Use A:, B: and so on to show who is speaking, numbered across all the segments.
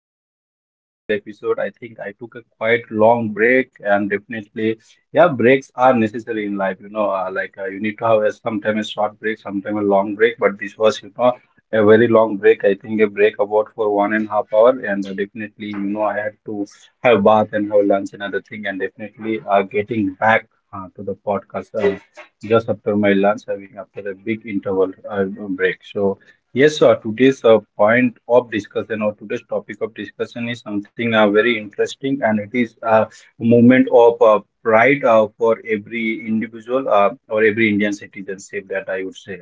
A: Welcome back to another episode. I think I took a quite long break, and definitely, yeah, breaks are necessary in life. You know, you need to have a, sometime a short break, sometime a long break. But this was, you know, a very long break. I think a break about for 1.5 hour, and definitely, you know, I had to have bath and have lunch and other thing, and definitely, getting back to the podcast just after my lunch having after a big interval break. So yes, sir. Today's point of discussion or today's topic of discussion is something very interesting, and it is a movement of pride for every individual or every Indian citizenship, that I would say.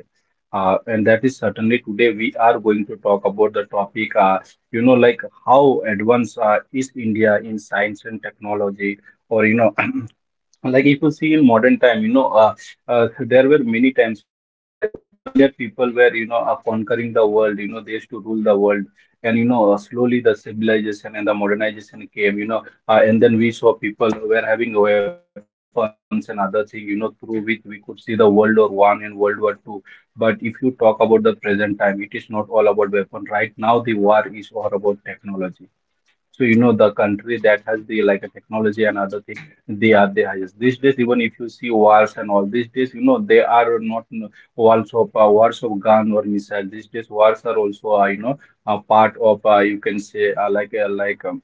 A: And that is certainly today we are going to talk about the topic, you know, like how advanced is India in science and technology, or you know. Like, if you see in modern time, you know, there were many times, you know, earlier people were, you know, conquering the world, you know, they used to rule the world. And you know, slowly the civilization and the modernization came, you know, and then we saw people who were having weapons and other thing, you know, through which we could see the world war one and world war two. But if you talk about the present time, it is not all about weapon. Right now the war is all about technology. So you know, the country that has the like a technology and other thing, they are the highest. These days, even if you see wars and all these days, you know, they are not wars of wars of gun or missile. These days, wars are also you know, a part of you can say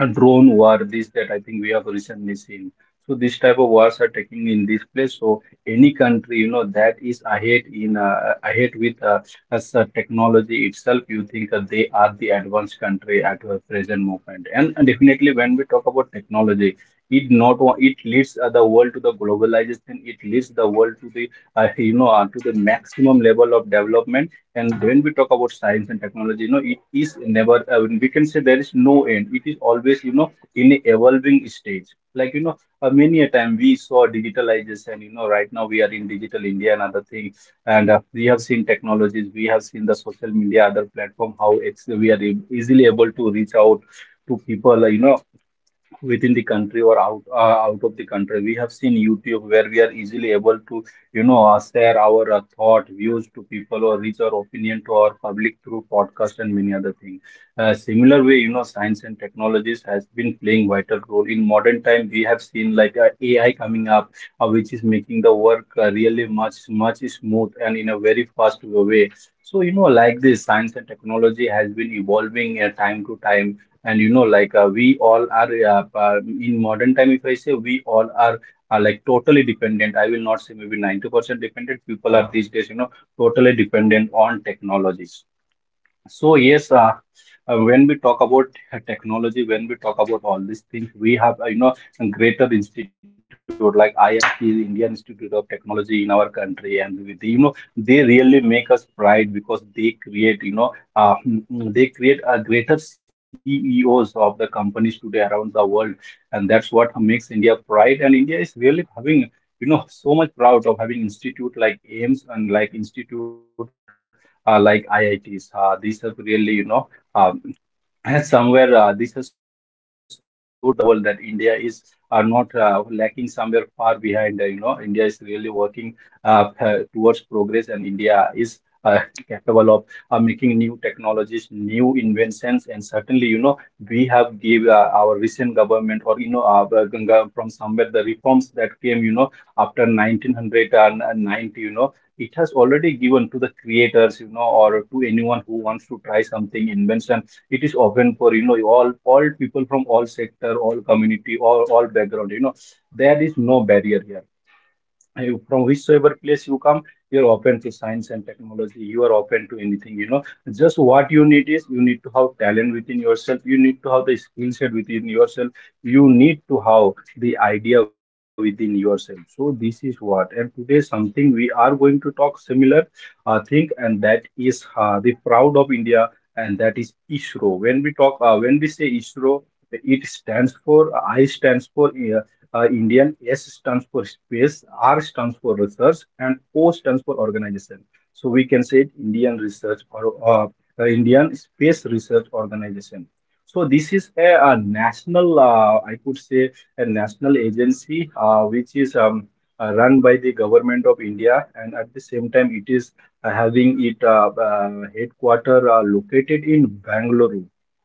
A: a drone war, this that I think we have recently seen. So this type of wars are taking in this place. So any country, you know, that is ahead in ahead with as technology itself, you think that they are the advanced country at the present moment. And definitely, when we talk about technology, it not o- it leads the world to the globalization, it leads the world to the you know, to the maximum level of development. And when we talk about science and technology, you know, it is never, we can say there is no end. It is always, you know, in a evolving stage. Like, you know, many a time we saw digitalization, you know, right now we are in digital India and other thing. And we have seen technologies, we have seen the social media, other platform, how it's, we are easily able to reach out to people, you know, within the country or out of the country. We have seen YouTube, where we are easily able to, you know, share our thought views to people or reach our opinion to our public through podcast and many other things. Uh, similar way, you know, science and technologies has been playing vital role in modern time. We have seen like AI coming up, which is making the work really much smooth and in a very fast way. So you know, like, this science and technology has been evolving time to time. And you know, we all are in modern time, if I say, we all are like totally dependent. I will not say, maybe 90% dependent people are these days, you know, totally dependent on technology. So yes, when we talk about technology, when we talk about all these things, we have you know, a greater institute like IIT, Indian Institute of Technology, in our country, and you know, they really make us pride, because they create, you know, they create a greater CEOs of the companies today around the world, and that's what makes India pride. And India is really having, you know, so much proud of having institute like AIMS and like institute like IITs. These have really, you know, um. And somewhere this has showed the world that India is are not lacking somewhere far behind. You know, India is really working towards progress, and India is uh, capable of making new technologies, new inventions, and certainly, you know, we have give our recent government or you know, Ganga, from somewhere the reforms came, you know, after 1990, you know, it has already given to the creators, you know, or to anyone who wants to try something invention. It is open, know, all people from all sector, all community, all background, you know, there is no barrier here. From whichsoever place you come, you're open to science and technology, you are open to anything, you know. Just what you need is, you need to have talent within yourself, you need to have the skill set within yourself, you need to have the idea within yourself. So this is what, and today something we are going to talk similar thing, and that is the proud of India, and that is ISRO. When we talk when we say ISRO, it stands for, I stands for Indian, S stands for space, R stands for research, and O stands for organization. So we can say it Indian Research or Indian Space Research Organization. So this is a, uh, national, I could say, a national agency which is run by the government of India, and at the same time, it is having it headquarter located in Bangalore.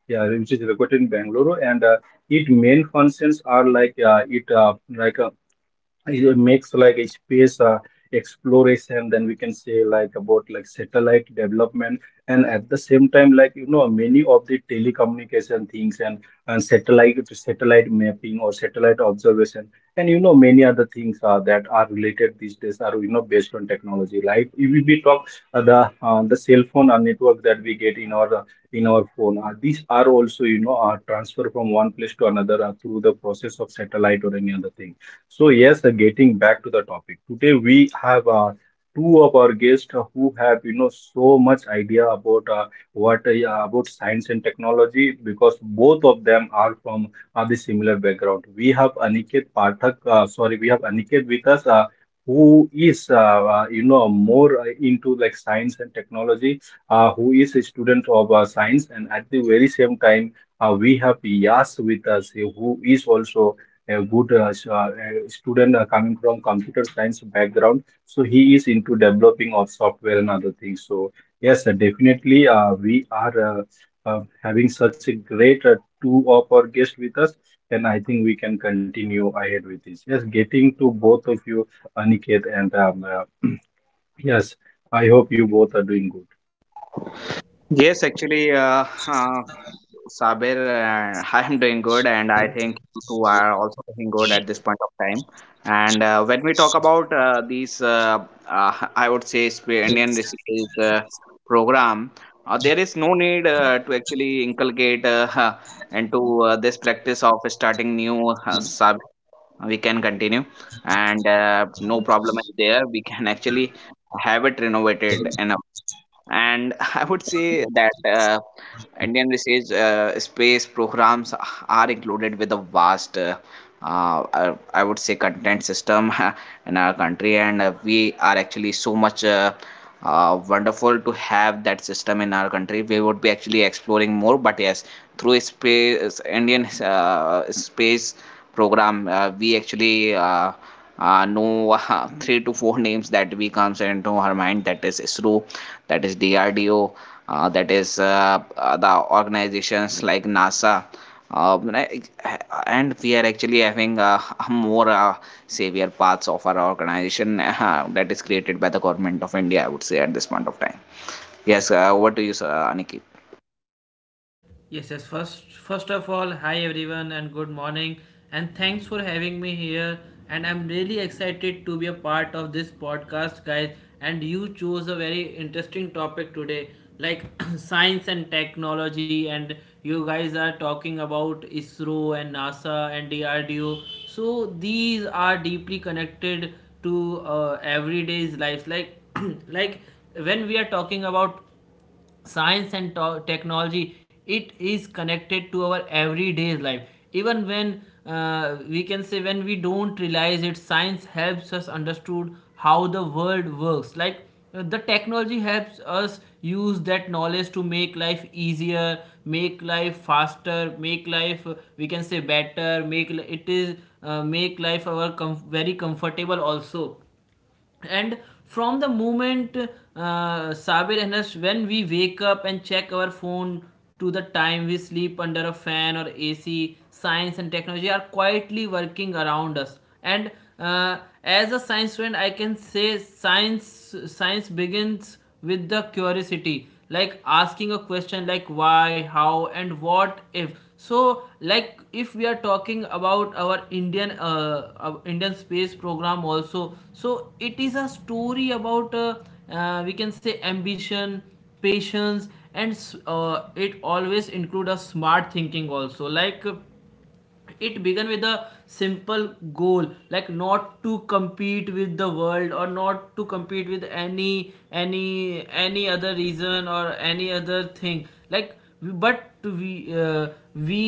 A: Yeah, which is located in Bangalore, and it main functions are like it makes like a space exploration, then we can say like about like satellite development, and at the same time, like you know, many of the telecommunication things, and satellite mapping or satellite observation, and you know, many other things that are related these days are, you know, based on technology. Like, if we talk the cell phone network that we get in our phone, these are also, you know, transfer from one place to another through the process of satellite or any other thing. So yes, getting back to the topic. Today we have two of our guests who have, you know, so much idea about what yeah, about science and technology, because both of them are from the similar background. We have Aniket Pathak, sorry, we have Aniket with us, who is you know, more into like science and technology, who is a student of science. And at the very same time, we have Yas with us, who is also a good a student coming from computer science background, so he is into developing of software and other things. So yes, definitely, we are having such a great two of our guests with us, and I think we can continue ahead with this. Yes, getting to both of you, Aniket and yes I hope you both are doing good.
B: Yes, actually, Sabir, I am doing good, and I think you two are also doing good at this point of time. And when we talk about these, I would say, Indian recipes program, there is no need to actually inculcate into this practice of starting new sub. We can continue, and no problem is there. We can actually have it renovated in, and I would say that Indian research space programs are included with a vast I would say content system in our country, and we are actually so much wonderful to have that system in our country. We would be actually exploring more, but yes, through space, Indian space program we actually know three to four names that we comes into our mind, that is isro, that is DRDO, that is the organizations like NASA. Like, and we are actually having more severe parts of our organization that is created by the government of India, I would say, at this point of time. Yes, over to you, sir, Aniket.
C: Yes, yes. First of all, hi everyone and good morning. And thanks for having me here. And I'm really excited to be a part of this podcast, guys. And you chose a very interesting topic today, like science and technology. And you guys are talking about ISRO and NASA and DRDO. So these are deeply connected to everyday's lives. Like, like when we are talking about science and technology, it is connected to our everyday life, even when we can say, when we don't realize it, science helps us understood how the world works, like the technology helps us use that knowledge to make life easier, make life faster, make life, we can say, better, make it is make life our very comfortable also. And from the moment, Sabir and us, when we wake up and check our phone to the time we sleep under a fan or AC, science and technology are quietly working around us. And uh, as a science student, I can say, science begins with the curiosity, like asking a question like why, how, and what if. So like if we are talking about our Indian Indian space program also, so it is a story about, we can say, ambition, patience, and it always include a smart thinking also, like it began with a simple goal, like not to compete with the world or not to compete with any any other reason or any other thing, like but we, uh, we,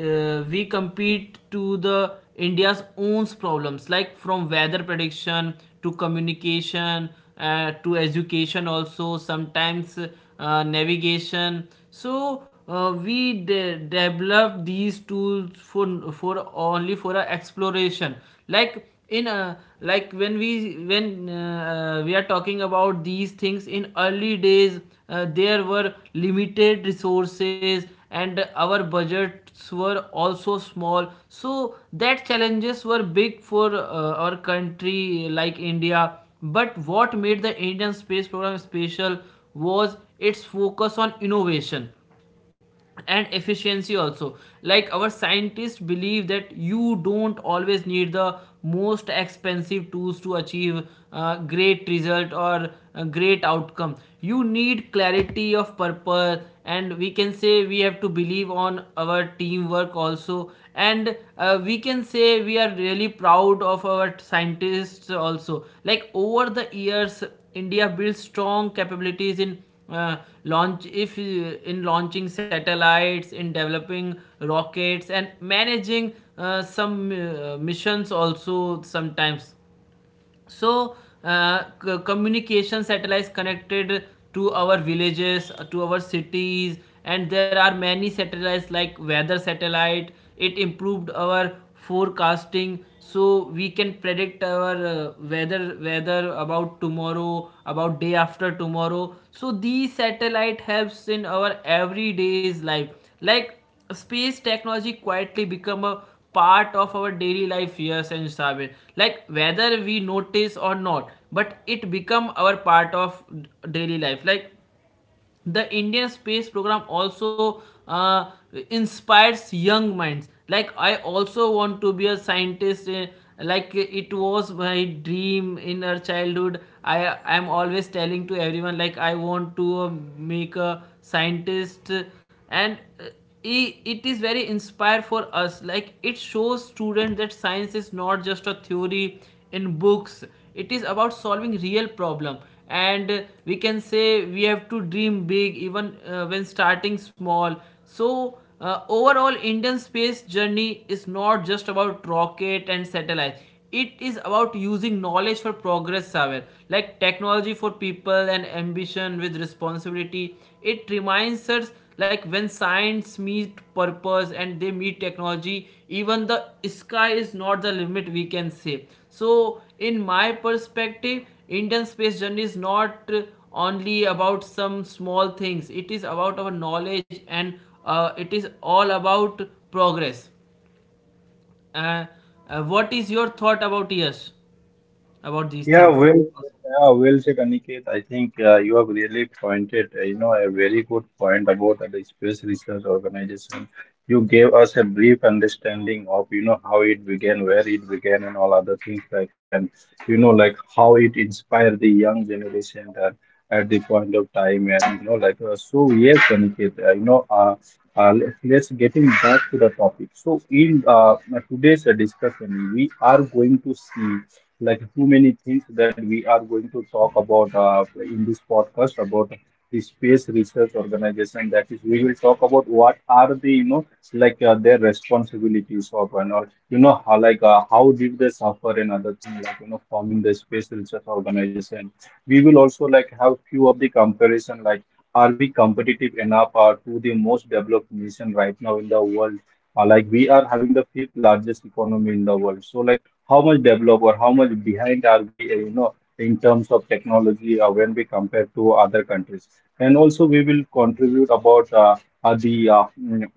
C: we compete to the India's own problems, like from weather prediction to communication, to education, also sometimes navigation. So we developed these tools for only for a exploration, like in a, like when we, when we are talking about these things in early days, there were limited resources, and our budgets were also small, so that challenges were big for our country like India. But what made the Indian space program special was its focus on innovation and efficiency also. Like, our scientists believe that you don't always need the most expensive tools to achieve great result or a great outcome. You need clarity of purpose, and we can say we have to believe on our teamwork also. And we can say we are really proud of our scientists also. Like, over the years, India built strong capabilities in uh, launch if in launching satellites, in developing rockets, and managing some missions also sometimes. So uh, communication satellites connected to our villages, to our cities, and there are many satellites like weather satellite. It improved our forecasting, so we can predict our weather about tomorrow, about day after tomorrow. So these satellite helps in our everyday's life. Like, space technology quietly become a part of our daily life, yes, and Sabir. Like, whether we notice or not, but it become our part of daily life. Like, the Indian space program also uh, inspires young minds. Like, I also want to be a scientist, like it was my dream in our childhood. I am always telling to everyone like I want to make a scientist. And it is very inspired for us. Like, it shows students that science is not just a theory in books, it is about solving real problem. And we can say we have to dream big, even when starting small. So overall, Indian space journey is not just about rocket and satellite, it is about using knowledge for progress, Saber, like technology for people and ambition with responsibility. It reminds us, like, when science meet purpose and they meet technology, even the sky is not the limit, we can say. So in my perspective, Indian space journey is not only about some small things, it is about our knowledge, and it is all about progress. uh, what is your thought about, yes, about these
A: Yeah,
C: things?
A: well, yeah, well said, Aniket. I think you have really pointed, you know, a very good point about the Space Research Organization. You gave us a brief understanding of, you know, how it began, where it began, and all other things like, and you know, like, how it inspired the young generation at the point of time. And you know, like so. Yes, Aniket, you know, let's getting back to the topic. So, in today's discussion, we are going to see like too many things that we are going to talk about in this podcast about the space research organization. That is, we will talk about what are the, you know, like their responsibilities of and all, you know, how, like how did they suffer and other things, like, you know, forming the space research organization. We will also like have few of the comparison, like, are we competitive enough to the most developed nation right now in the world? Like, we are having the fifth largest economy in the world. So like, how much developed or how much behind are we, you know, in terms of technology when we compare to other countries. And also we will contribute about uh, the uh, mm,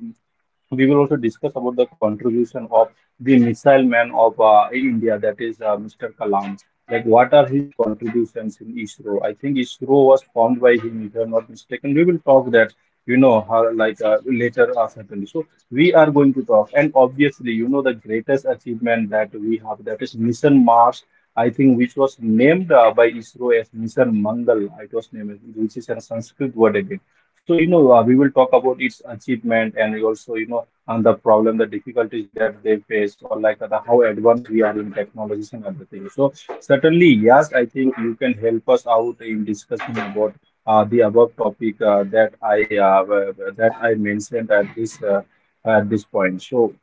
A: we will also discuss about the contribution of the missile man of in India, that is Mr. Kalam. Like, what are his contributions in ISRO? I think ISRO was formed by him, if I'm not mistaken. We will talk that, you know, how, like later certainly. So, we are going to talk, and obviously you know the greatest achievement that we have, that is mission Mars, I think, which was named by ISRO as mission Mangal. It was named, which is a Sanskrit word again. So, you know, we will talk about its achievement, and we also, you know, and the problem, the difficulties that they face, or like the, how advanced we are in technologies and other things. So certainly, yes, I think you can help us out in discussing about the above topic that I that I mentioned at this point. So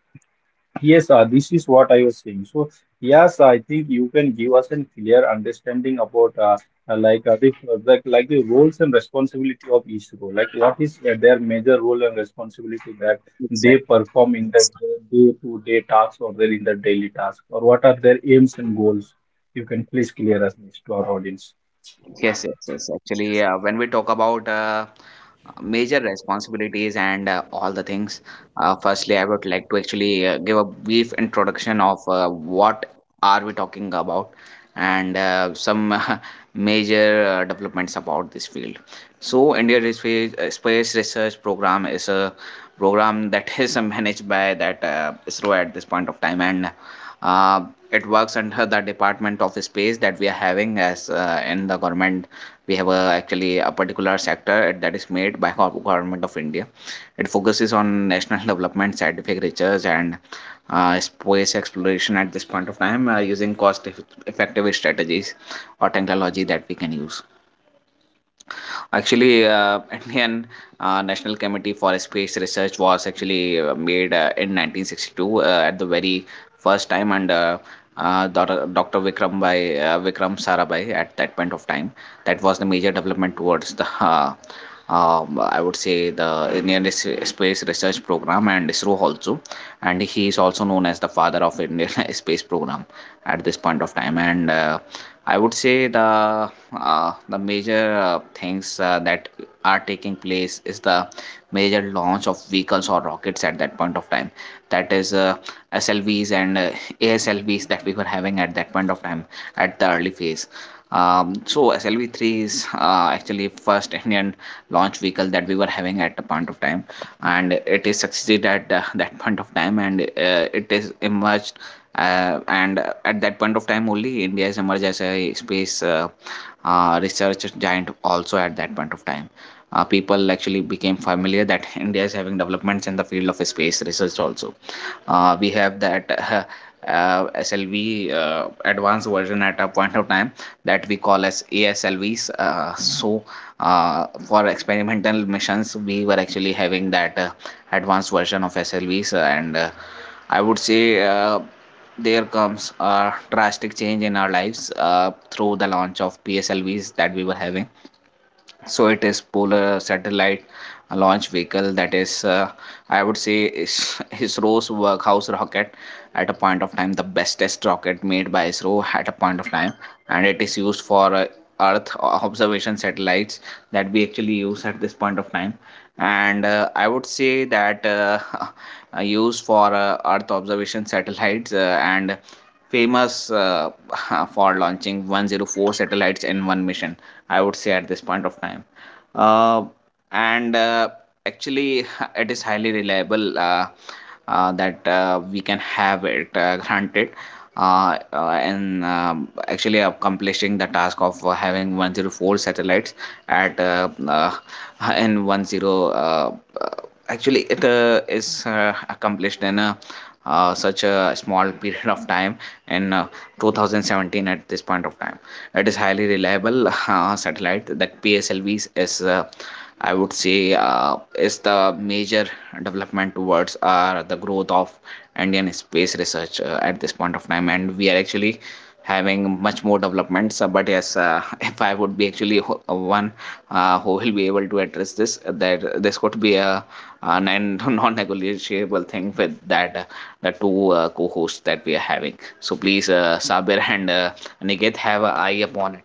A: yes, this is what I was saying. So yes, I think you can give us a clear understanding about like the like the roles and responsibility of each role. Like, what is their major role and responsibility that they
B: Exactly.
A: perform in the day-to-day tasks, or their in the daily task, or what are their aims and goals? You can please clear us this to our audience.
B: Yes, yes, yes. Actually, when we talk about major responsibilities and all the things, firstly, I would like to actually give a brief introduction of what are we talking about, and some major developments about this field. So, Space Space Research Program is a program that is managed by that ISRO at this point of time, and uh, it works under the Department of Space that we are having, as in the government we have a, actually a particular sector that is made by government of India. It focuses on national development, scientific research, and space exploration at this point of time, using cost effective strategies or technology that we can use. Actually, Indian National Committee for Space Research was actually made in 1962 at the very first time, and Dr. Vikram by Vikram Sarabhai at that point of time. That was the major development towards the. I would say the Indian Space Research Program and ISRO also, and he is also known as the father of Indian Space Program at this point of time. And I would say the major things that are taking place is the major launch of vehicles or rockets at that point of time, that is SLVs and ASLVs that we were having at that point of time at the early phase. So SLV3 is actually first Indian launch vehicle that we were having at the point of time, and it is succeeded at that point of time, and it is emerged, and at that point of time only India has emerged as a space research giant also at that point of time. People actually became familiar that India is having developments in the field of space research also. We have that SLV advanced version at a point of time that we call as ASLVs. So for experimental missions, we were actually having that advanced version of SLVs, and I would say. There comes a drastic change in our lives through the launch of PSLVs that we were having, so it is polar satellite launch vehicle, that is, I would say, is ISRO's workhouse rocket at a point of time, the bestest rocket made by ISRO at a point of time, and it is used for earth observation satellites that we actually use at this point of time, and I would say that used for earth observation satellites, and famous for launching 104 satellites in one mission, I would say, at this point of time. Uh, and actually, it is highly reliable, that we can have it granted. And actually, accomplishing the task of having 104 satellites at, in 10, actually it is accomplished in a such a small period of time in 2017 at this point of time. It is highly reliable satellite, that PSLVs is, I would say, is the major development towards the growth of Indian space research at this point of time, and we are actually having much more developments. But yes, if I would be actually one who will be able to address this, that this could be a uh, non non negotiable thing with that the two co-hosts that we are having. So please, Sabir and Niket, have an eye upon it.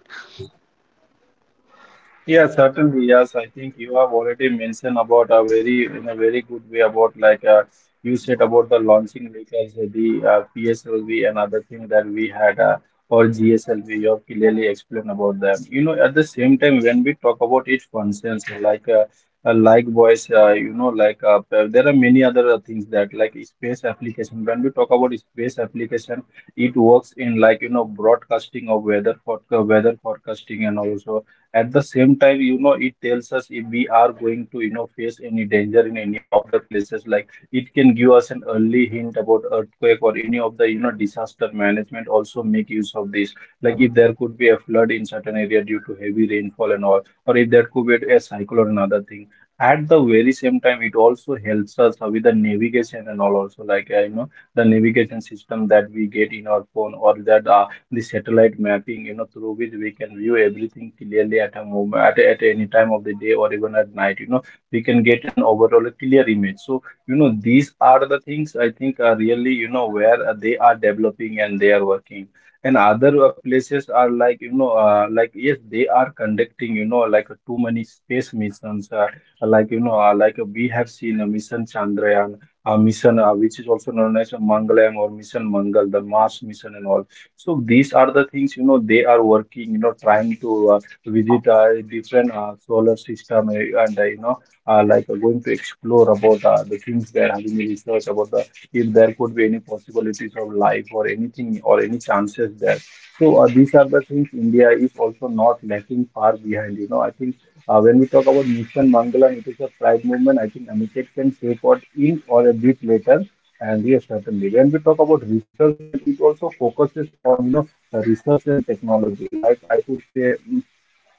A: Yeah, certainly. Yes, I think you have already mentioned about a very, in a very good way about like you said about the launching vehicles, the PSLV and other thing that we had or GSLV. You have clearly explained about them. You know, at the same time when we talk about its functions, like likewise, you know, like there are many other things that like space application. When we talk about space application, it works in, like, you know, broadcasting of weather for weather forecasting, and also at the same time, you know, it tells us if we are going to, you know, face any danger in any of the places. Like, it can give us an early hint about earthquake, or any of the, you know, disaster management also make use of this. Like, if there could be a flood in certain area due to heavy rainfall and all, or if there could be a cyclone and other thing. At the very same time, it also helps us with the navigation and all also, like, you know, the navigation system that we get in our phone, or that the satellite mapping, you know, through which we can view everything clearly at a moment, at any time of the day or even at night. You know, we can get an overall clear image. So, you know, these are the things, I think, are really, you know, where they are developing, and they are working. And other places are like, you know, like, yes, they are conducting, you know, like too many space missions, like, you know, like we have seen a mission Chandrayaan, a mission which is also known as a Mangalam or mission Mangal, the Mars mission and all. So these are the things, you know, they are working, you know, trying to visit different solar system and, you know, like going to explore about the things they are having research about, the, if there could be any possibilities of life or anything, or any chances there. So these are the things, India is also not lacking far behind. You know, I think when we talk about Mission Mangala, it is a pride movement. I think Amitabh can take what in or a bit later. And yes, certainly. When we talk about research, and it also focuses on, you know, research and technology. Like, I could say,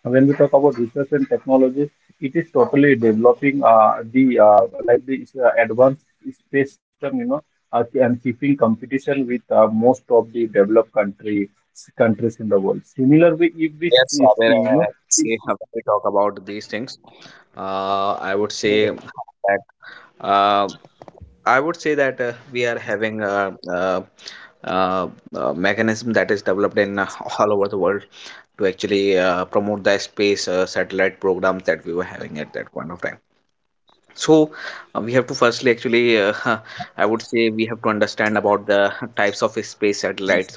A: when we talk about research and technology, it is totally developing the like the advanced space system, you know, and keeping competition with most of the developed country countries in the world. Similar way, if we
B: Yes,
A: see,
B: Sabir,
A: you
B: we have to talk about these things. Uh, I would
A: know,
B: say that uh, I would say that we are having a, uh mechanism that is developed in all over the world to actually promote the space satellite programs that we were having at that point of time. So we have to firstly actually I would say we have to understand about the types of space satellites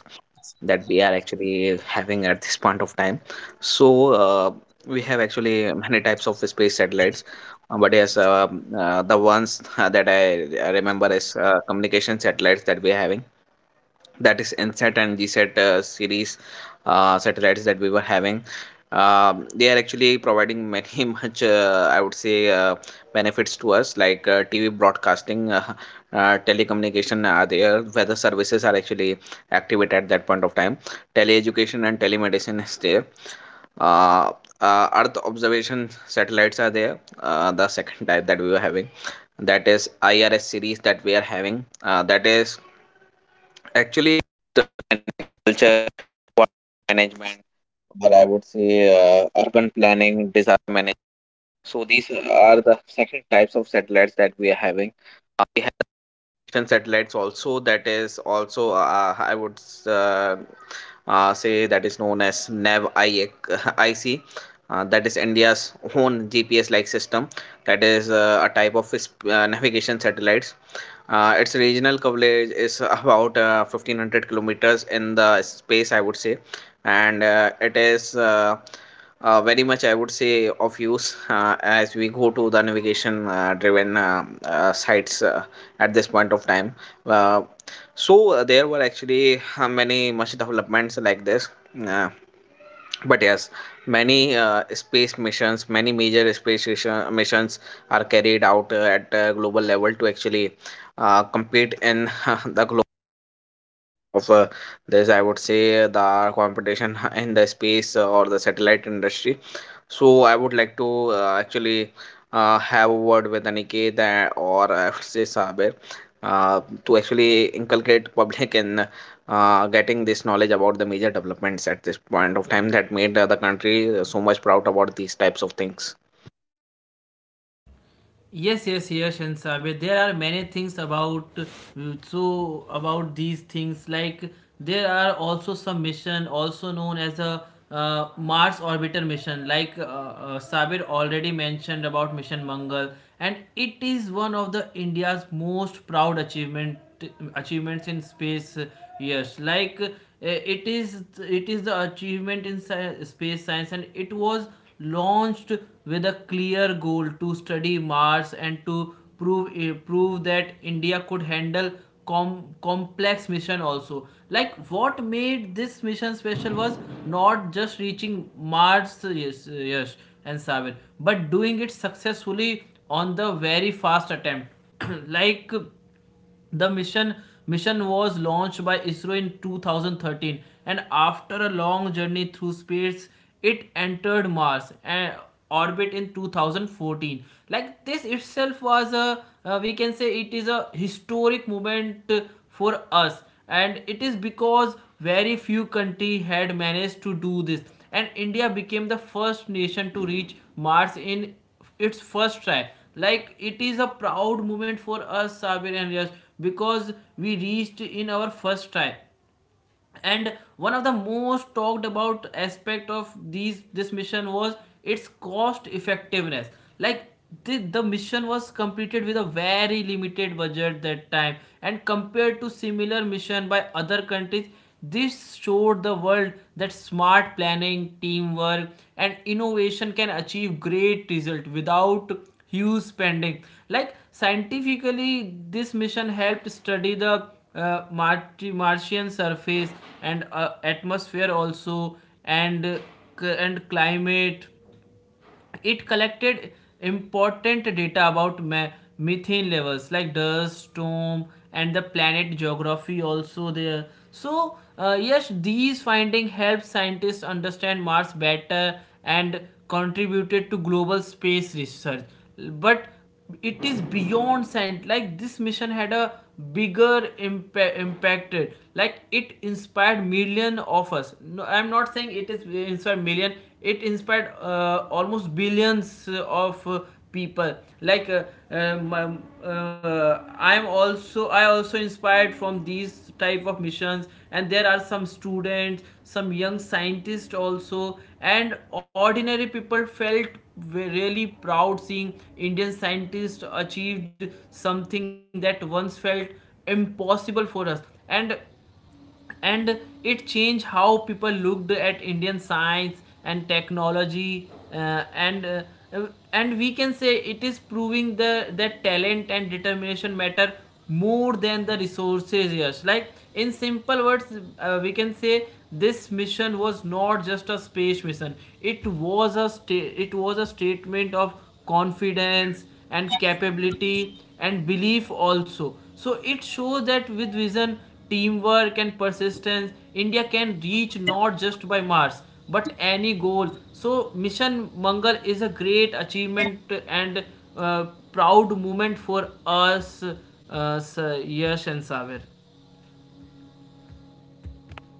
B: that we are actually having at this point of time. So we have actually many types of space satellites, but yes, the ones that I remember is communication satellites that we are having, that is N nsat and gsat series satellites that we were having. They are actually providing many much, I would say, benefits to us, like TV broadcasting, telecommunication are there, weather services are actually activated at that point of time, tele-education and telemedicine is there, uh, earth observation satellites are there. The second type that we were having, that is IRS series that we are having, that is also, I would, uh, say, that is known as nav I ic, that is India's own gps like system, that is a type of navigation satellites. Its regional coverage is about 1500 kilometers in the space, I would say, and it is, very much, I would say, of use as we go to the navigation driven sites at this point of time. uh, so there were actually many much developments like this. Uh, but yes, many space missions, many major missions are carried out at global level to actually compete in
A: yes, yes, you
B: the global
A: were
B: of
A: talking very
B: this. I
A: correctly.
B: would
A: So,
B: say the
A: Aniket, if you
B: competition
A: could
B: in the
A: tell us
B: space
A: something,
B: or
A: you
B: the
A: know, like
B: satellite
A: when we talk
B: industry.
A: about the
B: So I
A: successful
B: would
A: of
B: like to
A: ISRO, well, the Indian Space
B: actually
A: Research
B: have
A: Organization,
B: a
A: we
B: word with
A: can see, you
B: Aniket,
A: know,
B: or
A: like
B: I would say
A: Chandrayaan,
B: Saber,
A: and we have
B: uh,
A: lost,
B: to
A: we have
B: actually
A: run like Mission,
B: inculcate public
A: Mission
B: in
A: Mangalam, which is also known as,
B: getting this
A: you
B: knowledge
A: know,
B: about the
A: Mars
B: major
A: Orbit
B: developments
A: Mission. And
B: at this
A: also, could
B: point
A: you
B: of time that
A: kindly
B: made the country so
A: elaborate
B: much
A: like
B: proud
A: one of
B: about
A: the
B: these types of
A: successful
B: things.
A: mission, that is maybe Mission Mars or Mission Mangalam?
C: Yes, yes, yes, and Sabir. There are many things about, mm,
A: Yes,
C: so
A: Aniket,
C: about these
A: Am I
C: things. Like,
A: audible?
C: there are also some mission, also known as a Mars orbiter mission. Like,
A: Aniket, am I audible?
C: Sabir already mentioned about Mission Mangal,
A: No
C: and
A: worries. I
C: it
A: think
C: is one of the
A: there must be
C: India's
A: some
C: most
A: network
C: proud
A: issue meanwhile. But
C: achievements in
A: yes,
C: space.
A: when we talk about
C: Yes, like
A: certain things, you know,
C: it is
A: there
C: it
A: are
C: is the
A: many of
C: achievement in
A: the space
C: space
A: research
C: science, and it
A: organization, like
C: was
A: Mission
C: launched
A: Chandrayaan
C: with
A: program
C: a clear
A: that was
C: goal to
A: launched
C: study
A: in the
C: Mars
A: year
C: and to prove
A: 2008.
C: that
A: At the same
C: India
A: time,
C: could
A: you know,
C: handle
A: we discovered
C: complex mission
A: like the
C: also. Like,
A: uh,
C: what
A: you know,
C: made
A: we
C: this
A: travel
C: mission
A: to
C: special
A: moon
C: was not
A: for
C: just
A: the research
C: reaching
A: purpose, or
C: Mars,
A: trying to
C: yes,
A: find many
C: yes,
A: things
C: and Sabir,
A: in the
C: but
A: moon,
C: doing
A: and
C: it
A: that is
C: successfully
A: you know, that
C: on the
A: gives a
C: very
A: pride of
C: first
A: movement
C: attempt.
A: for us, that
C: Like,
A: we have
C: the mission
A: explored
C: mission was
A: many
C: launched by
A: types of
C: ISRO in
A: like, you know.
C: 2013, and
A: A
C: after a
A: planet that
C: long
A: I would
C: journey
A: say
C: through
A: that our
C: space,
A: people
C: it
A: have
C: entered Mars
A: suddenly,
C: and
A: you know, they
C: orbit
A: have
C: in
A: traveled
C: 2014.
A: yes,
C: Like,
A: and
C: this itself was a,
A: this is
C: we
A: really a
C: can say,
A: very
C: it
A: good
C: is a
A: thing that we can say,
C: historic
A: when we talk
C: moment
A: about
C: for
A: ISRO and when we
C: us,
A: talk about
C: and it is
A: satellites, when we
C: because
A: talk about
C: very few
A: other thing.
C: country
A: At the
C: had
A: same
C: managed
A: time,
C: to do this.
A: if we
C: And
A: talk about
C: India became the
A: achievement, like
C: first nation to reach
A: certainly
C: Mars in
A: ISRO has
C: its
A: managed
C: first
A: to
C: try.
A: achieve
C: Like, it
A: many
C: is a
A: of the things
C: proud
A: at
C: moment
A: a
C: for
A: lower
C: us, Sabir and
A: expenses.
C: Yash,
A: No,
C: because
A: we
C: we
A: are
C: reached
A: always,
C: in
A: there
C: our
A: was a
C: first try.
A: problem of budget
C: And one of the
A: within
C: most
A: our
C: talked
A: nation,
C: about aspect
A: and this,
C: of
A: this is
C: these this
A: how
C: mission was its
A: Space Research
C: cost
A: Organization
C: effectiveness.
A: has
C: Like,
A: managed
C: the,
A: to do
C: the
A: it. So
C: mission
A: you know,
C: was
A: we are
C: completed with a
A: never
C: very limited budget
A: behind
C: that time,
A: the
C: and
A: things,
C: compared to
A: and
C: similar
A: certainly, you
C: mission
A: know,
C: by other
A: we are
C: countries,
A: really working in
C: this showed the world
A: developing those
C: that
A: things,
C: smart
A: and
C: planning,
A: we can,
C: teamwork,
A: I think,
C: and innovation
A: improve
C: can
A: in time to
C: achieve
A: time.
C: great result
A: Like, our
C: without
A: science and
C: huge
A: technology
C: spending.
A: is
C: Like,
A: also so,
C: scientifically this
A: working
C: mission
A: on
C: helped
A: uh,
C: study the
A: these type of activities, you know, where
C: Martian
A: things can be
C: surface
A: done,
C: and
A: or when things
C: atmosphere
A: can be
C: also,
A: achieved
C: and
A: in a lower,
C: uh,
A: a
C: and
A: lower cost.
C: climate.
A: At the very same time,
C: It
A: you know,
C: collected
A: when we talk about the
C: important data
A: governing
C: about
A: body, like
C: methane
A: yes, when we
C: levels,
A: talk
C: like
A: about the
C: dust,
A: space
C: storm,
A: structure and
C: and the
A: how it
C: planet
A: functions and other
C: geography
A: thing, like when
C: also
A: we talk
C: there.
A: about the parents'
C: So
A: body,
C: yes,
A: it is
C: these
A: operated
C: findings
A: by the
C: help
A: Department
C: scientists
A: of Space,
C: understand Mars
A: which is
C: better
A: also
C: and
A: known as
C: contributed to
A: DOS,
C: global space
A: and
C: research.
A: it is
C: But
A: headed
C: it is
A: by
C: beyond
A: the
C: science. Like,
A: central
C: this mission had
A: it
C: a
A: is headed by the central government at
C: impacted.
A: this time.
C: Like, it inspired million of us. No, I'm not saying it is, inspired million, it inspired almost billions of people. Like, I also inspired from these type of missions, and there are some students, some young scientists also, and ordinary people felt really proud seeing Indian scientists achieved something that once felt impossible for us. and and it changed how people looked at Indian science and technology. Uh, and we can say it is proving the that talent and determination matter more than the resources, yes. Like, in simple words, we can say this mission was not just a space mission, it was a it was a statement of confidence and capability and belief also. So it shows that with vision, teamwork, and persistence, India can reach not just by Mars, but any goal. So mission Mangal is a great achievement and proud moment for us, Yash and Saver.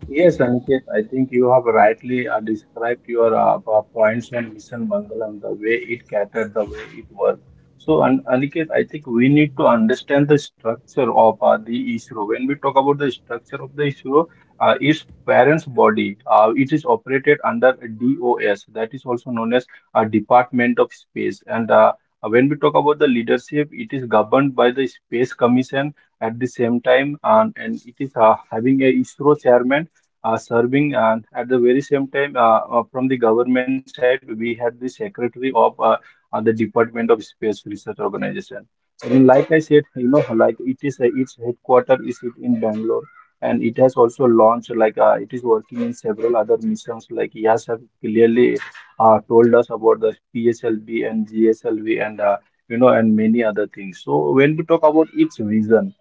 A: Yes, Ankit, I think you have rightly described your points on Mission Bangalam, the way it catered, the way it worked. So, An Aniket, I think we need to understand the structure of the ISRO. When we talk about the structure of the ISRO, its parents' body, it is operated under DOS, that is also known as Department of Space. And when we talk about the leadership, it is governed by the Space Commission at the same time, and it is having a ISRO chairman serving, and at the very same time from the government side, we had the secretary of the department of space research organization. And like I said, you know, like, it is its headquarter is it in Bangalore, and it has also launched like it is working in several other missions, like Yes have clearly told us about the PSLV and GSLV and you know, and many other things. So when we talk about its vision,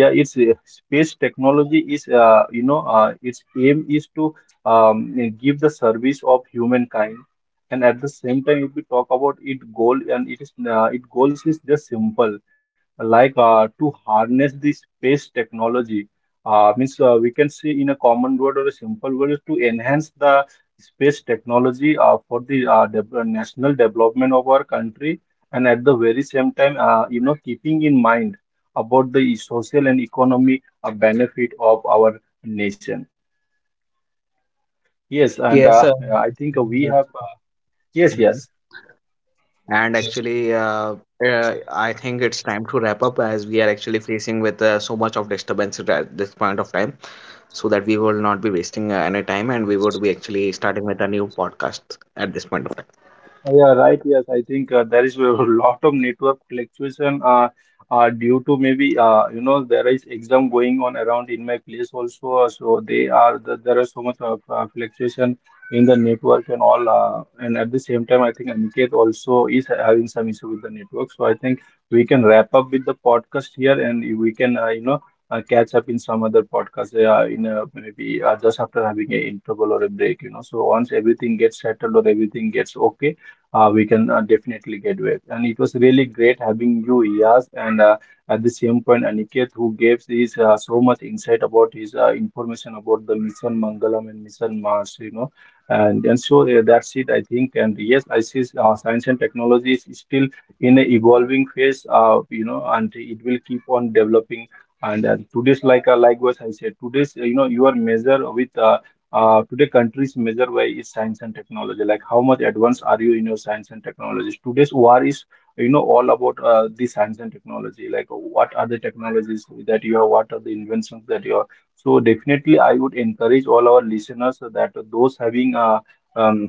A: yeah, its space technology is, you know, its aim is to give the service of humankind. And at the same time, if we talk about its goal, and it is its goals is just simple, like to harness the space technology, means, we can say in a common word or a simple word is to enhance the space technology for the national development of our country, and at the very same time, you know, keeping in mind about the social and economy benefit of our nation. Yes, and
B: Yes,
A: I think we have. Yes, yes.
B: mhm. And actually, I think it's time to wrap up, as we are actually facing with so much of disturbance at this point of time, so that we will not be wasting any time, and we would be actually starting with a new podcast at this point of time.
A: Yeah, right. Yes, I think there is a lot of network fluctuation due to maybe you know, there is exam going on around in my place also. So they are the, there are so much of fluctuation in the network and all. And at the same time, I think Aniket also is having some issue with the network. So I think we can wrap up with the podcast here, and we can you know, catch up in some other podcast in a, maybe just after having a interval or a break. You know, so once everything gets settled or everything gets okay, we can definitely get with. And it was really great having you, Yas, and at the same point, Aniket, who gave this so much insight about his information about the mission Mangalam and mission Mars, you know. And so that's it, I think. And yes, I see science and technology is still in a evolving phase, you know, and it will keep on developing. And today's like likewise, I said today's, you know, you are measured with today, countries measure by its science and technology. Like, how much advanced are you in your science and technologies? Today's war is, you know, all about the science and technology. Like, what are the technologies that you have? What are the inventions that you have? So, definitely, I would encourage all our listeners that those having um,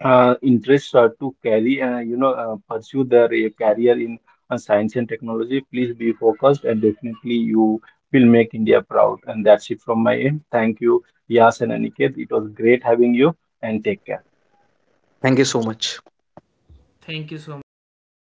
A: interest to carry you know, pursue their career in science and technology. Please be focused, and definitely you will make India proud. And that's it from my end. Thank you, Yas and Aniket. It was great having you, and take care.
B: Thank you so much.
C: Thank you so much. Thank you for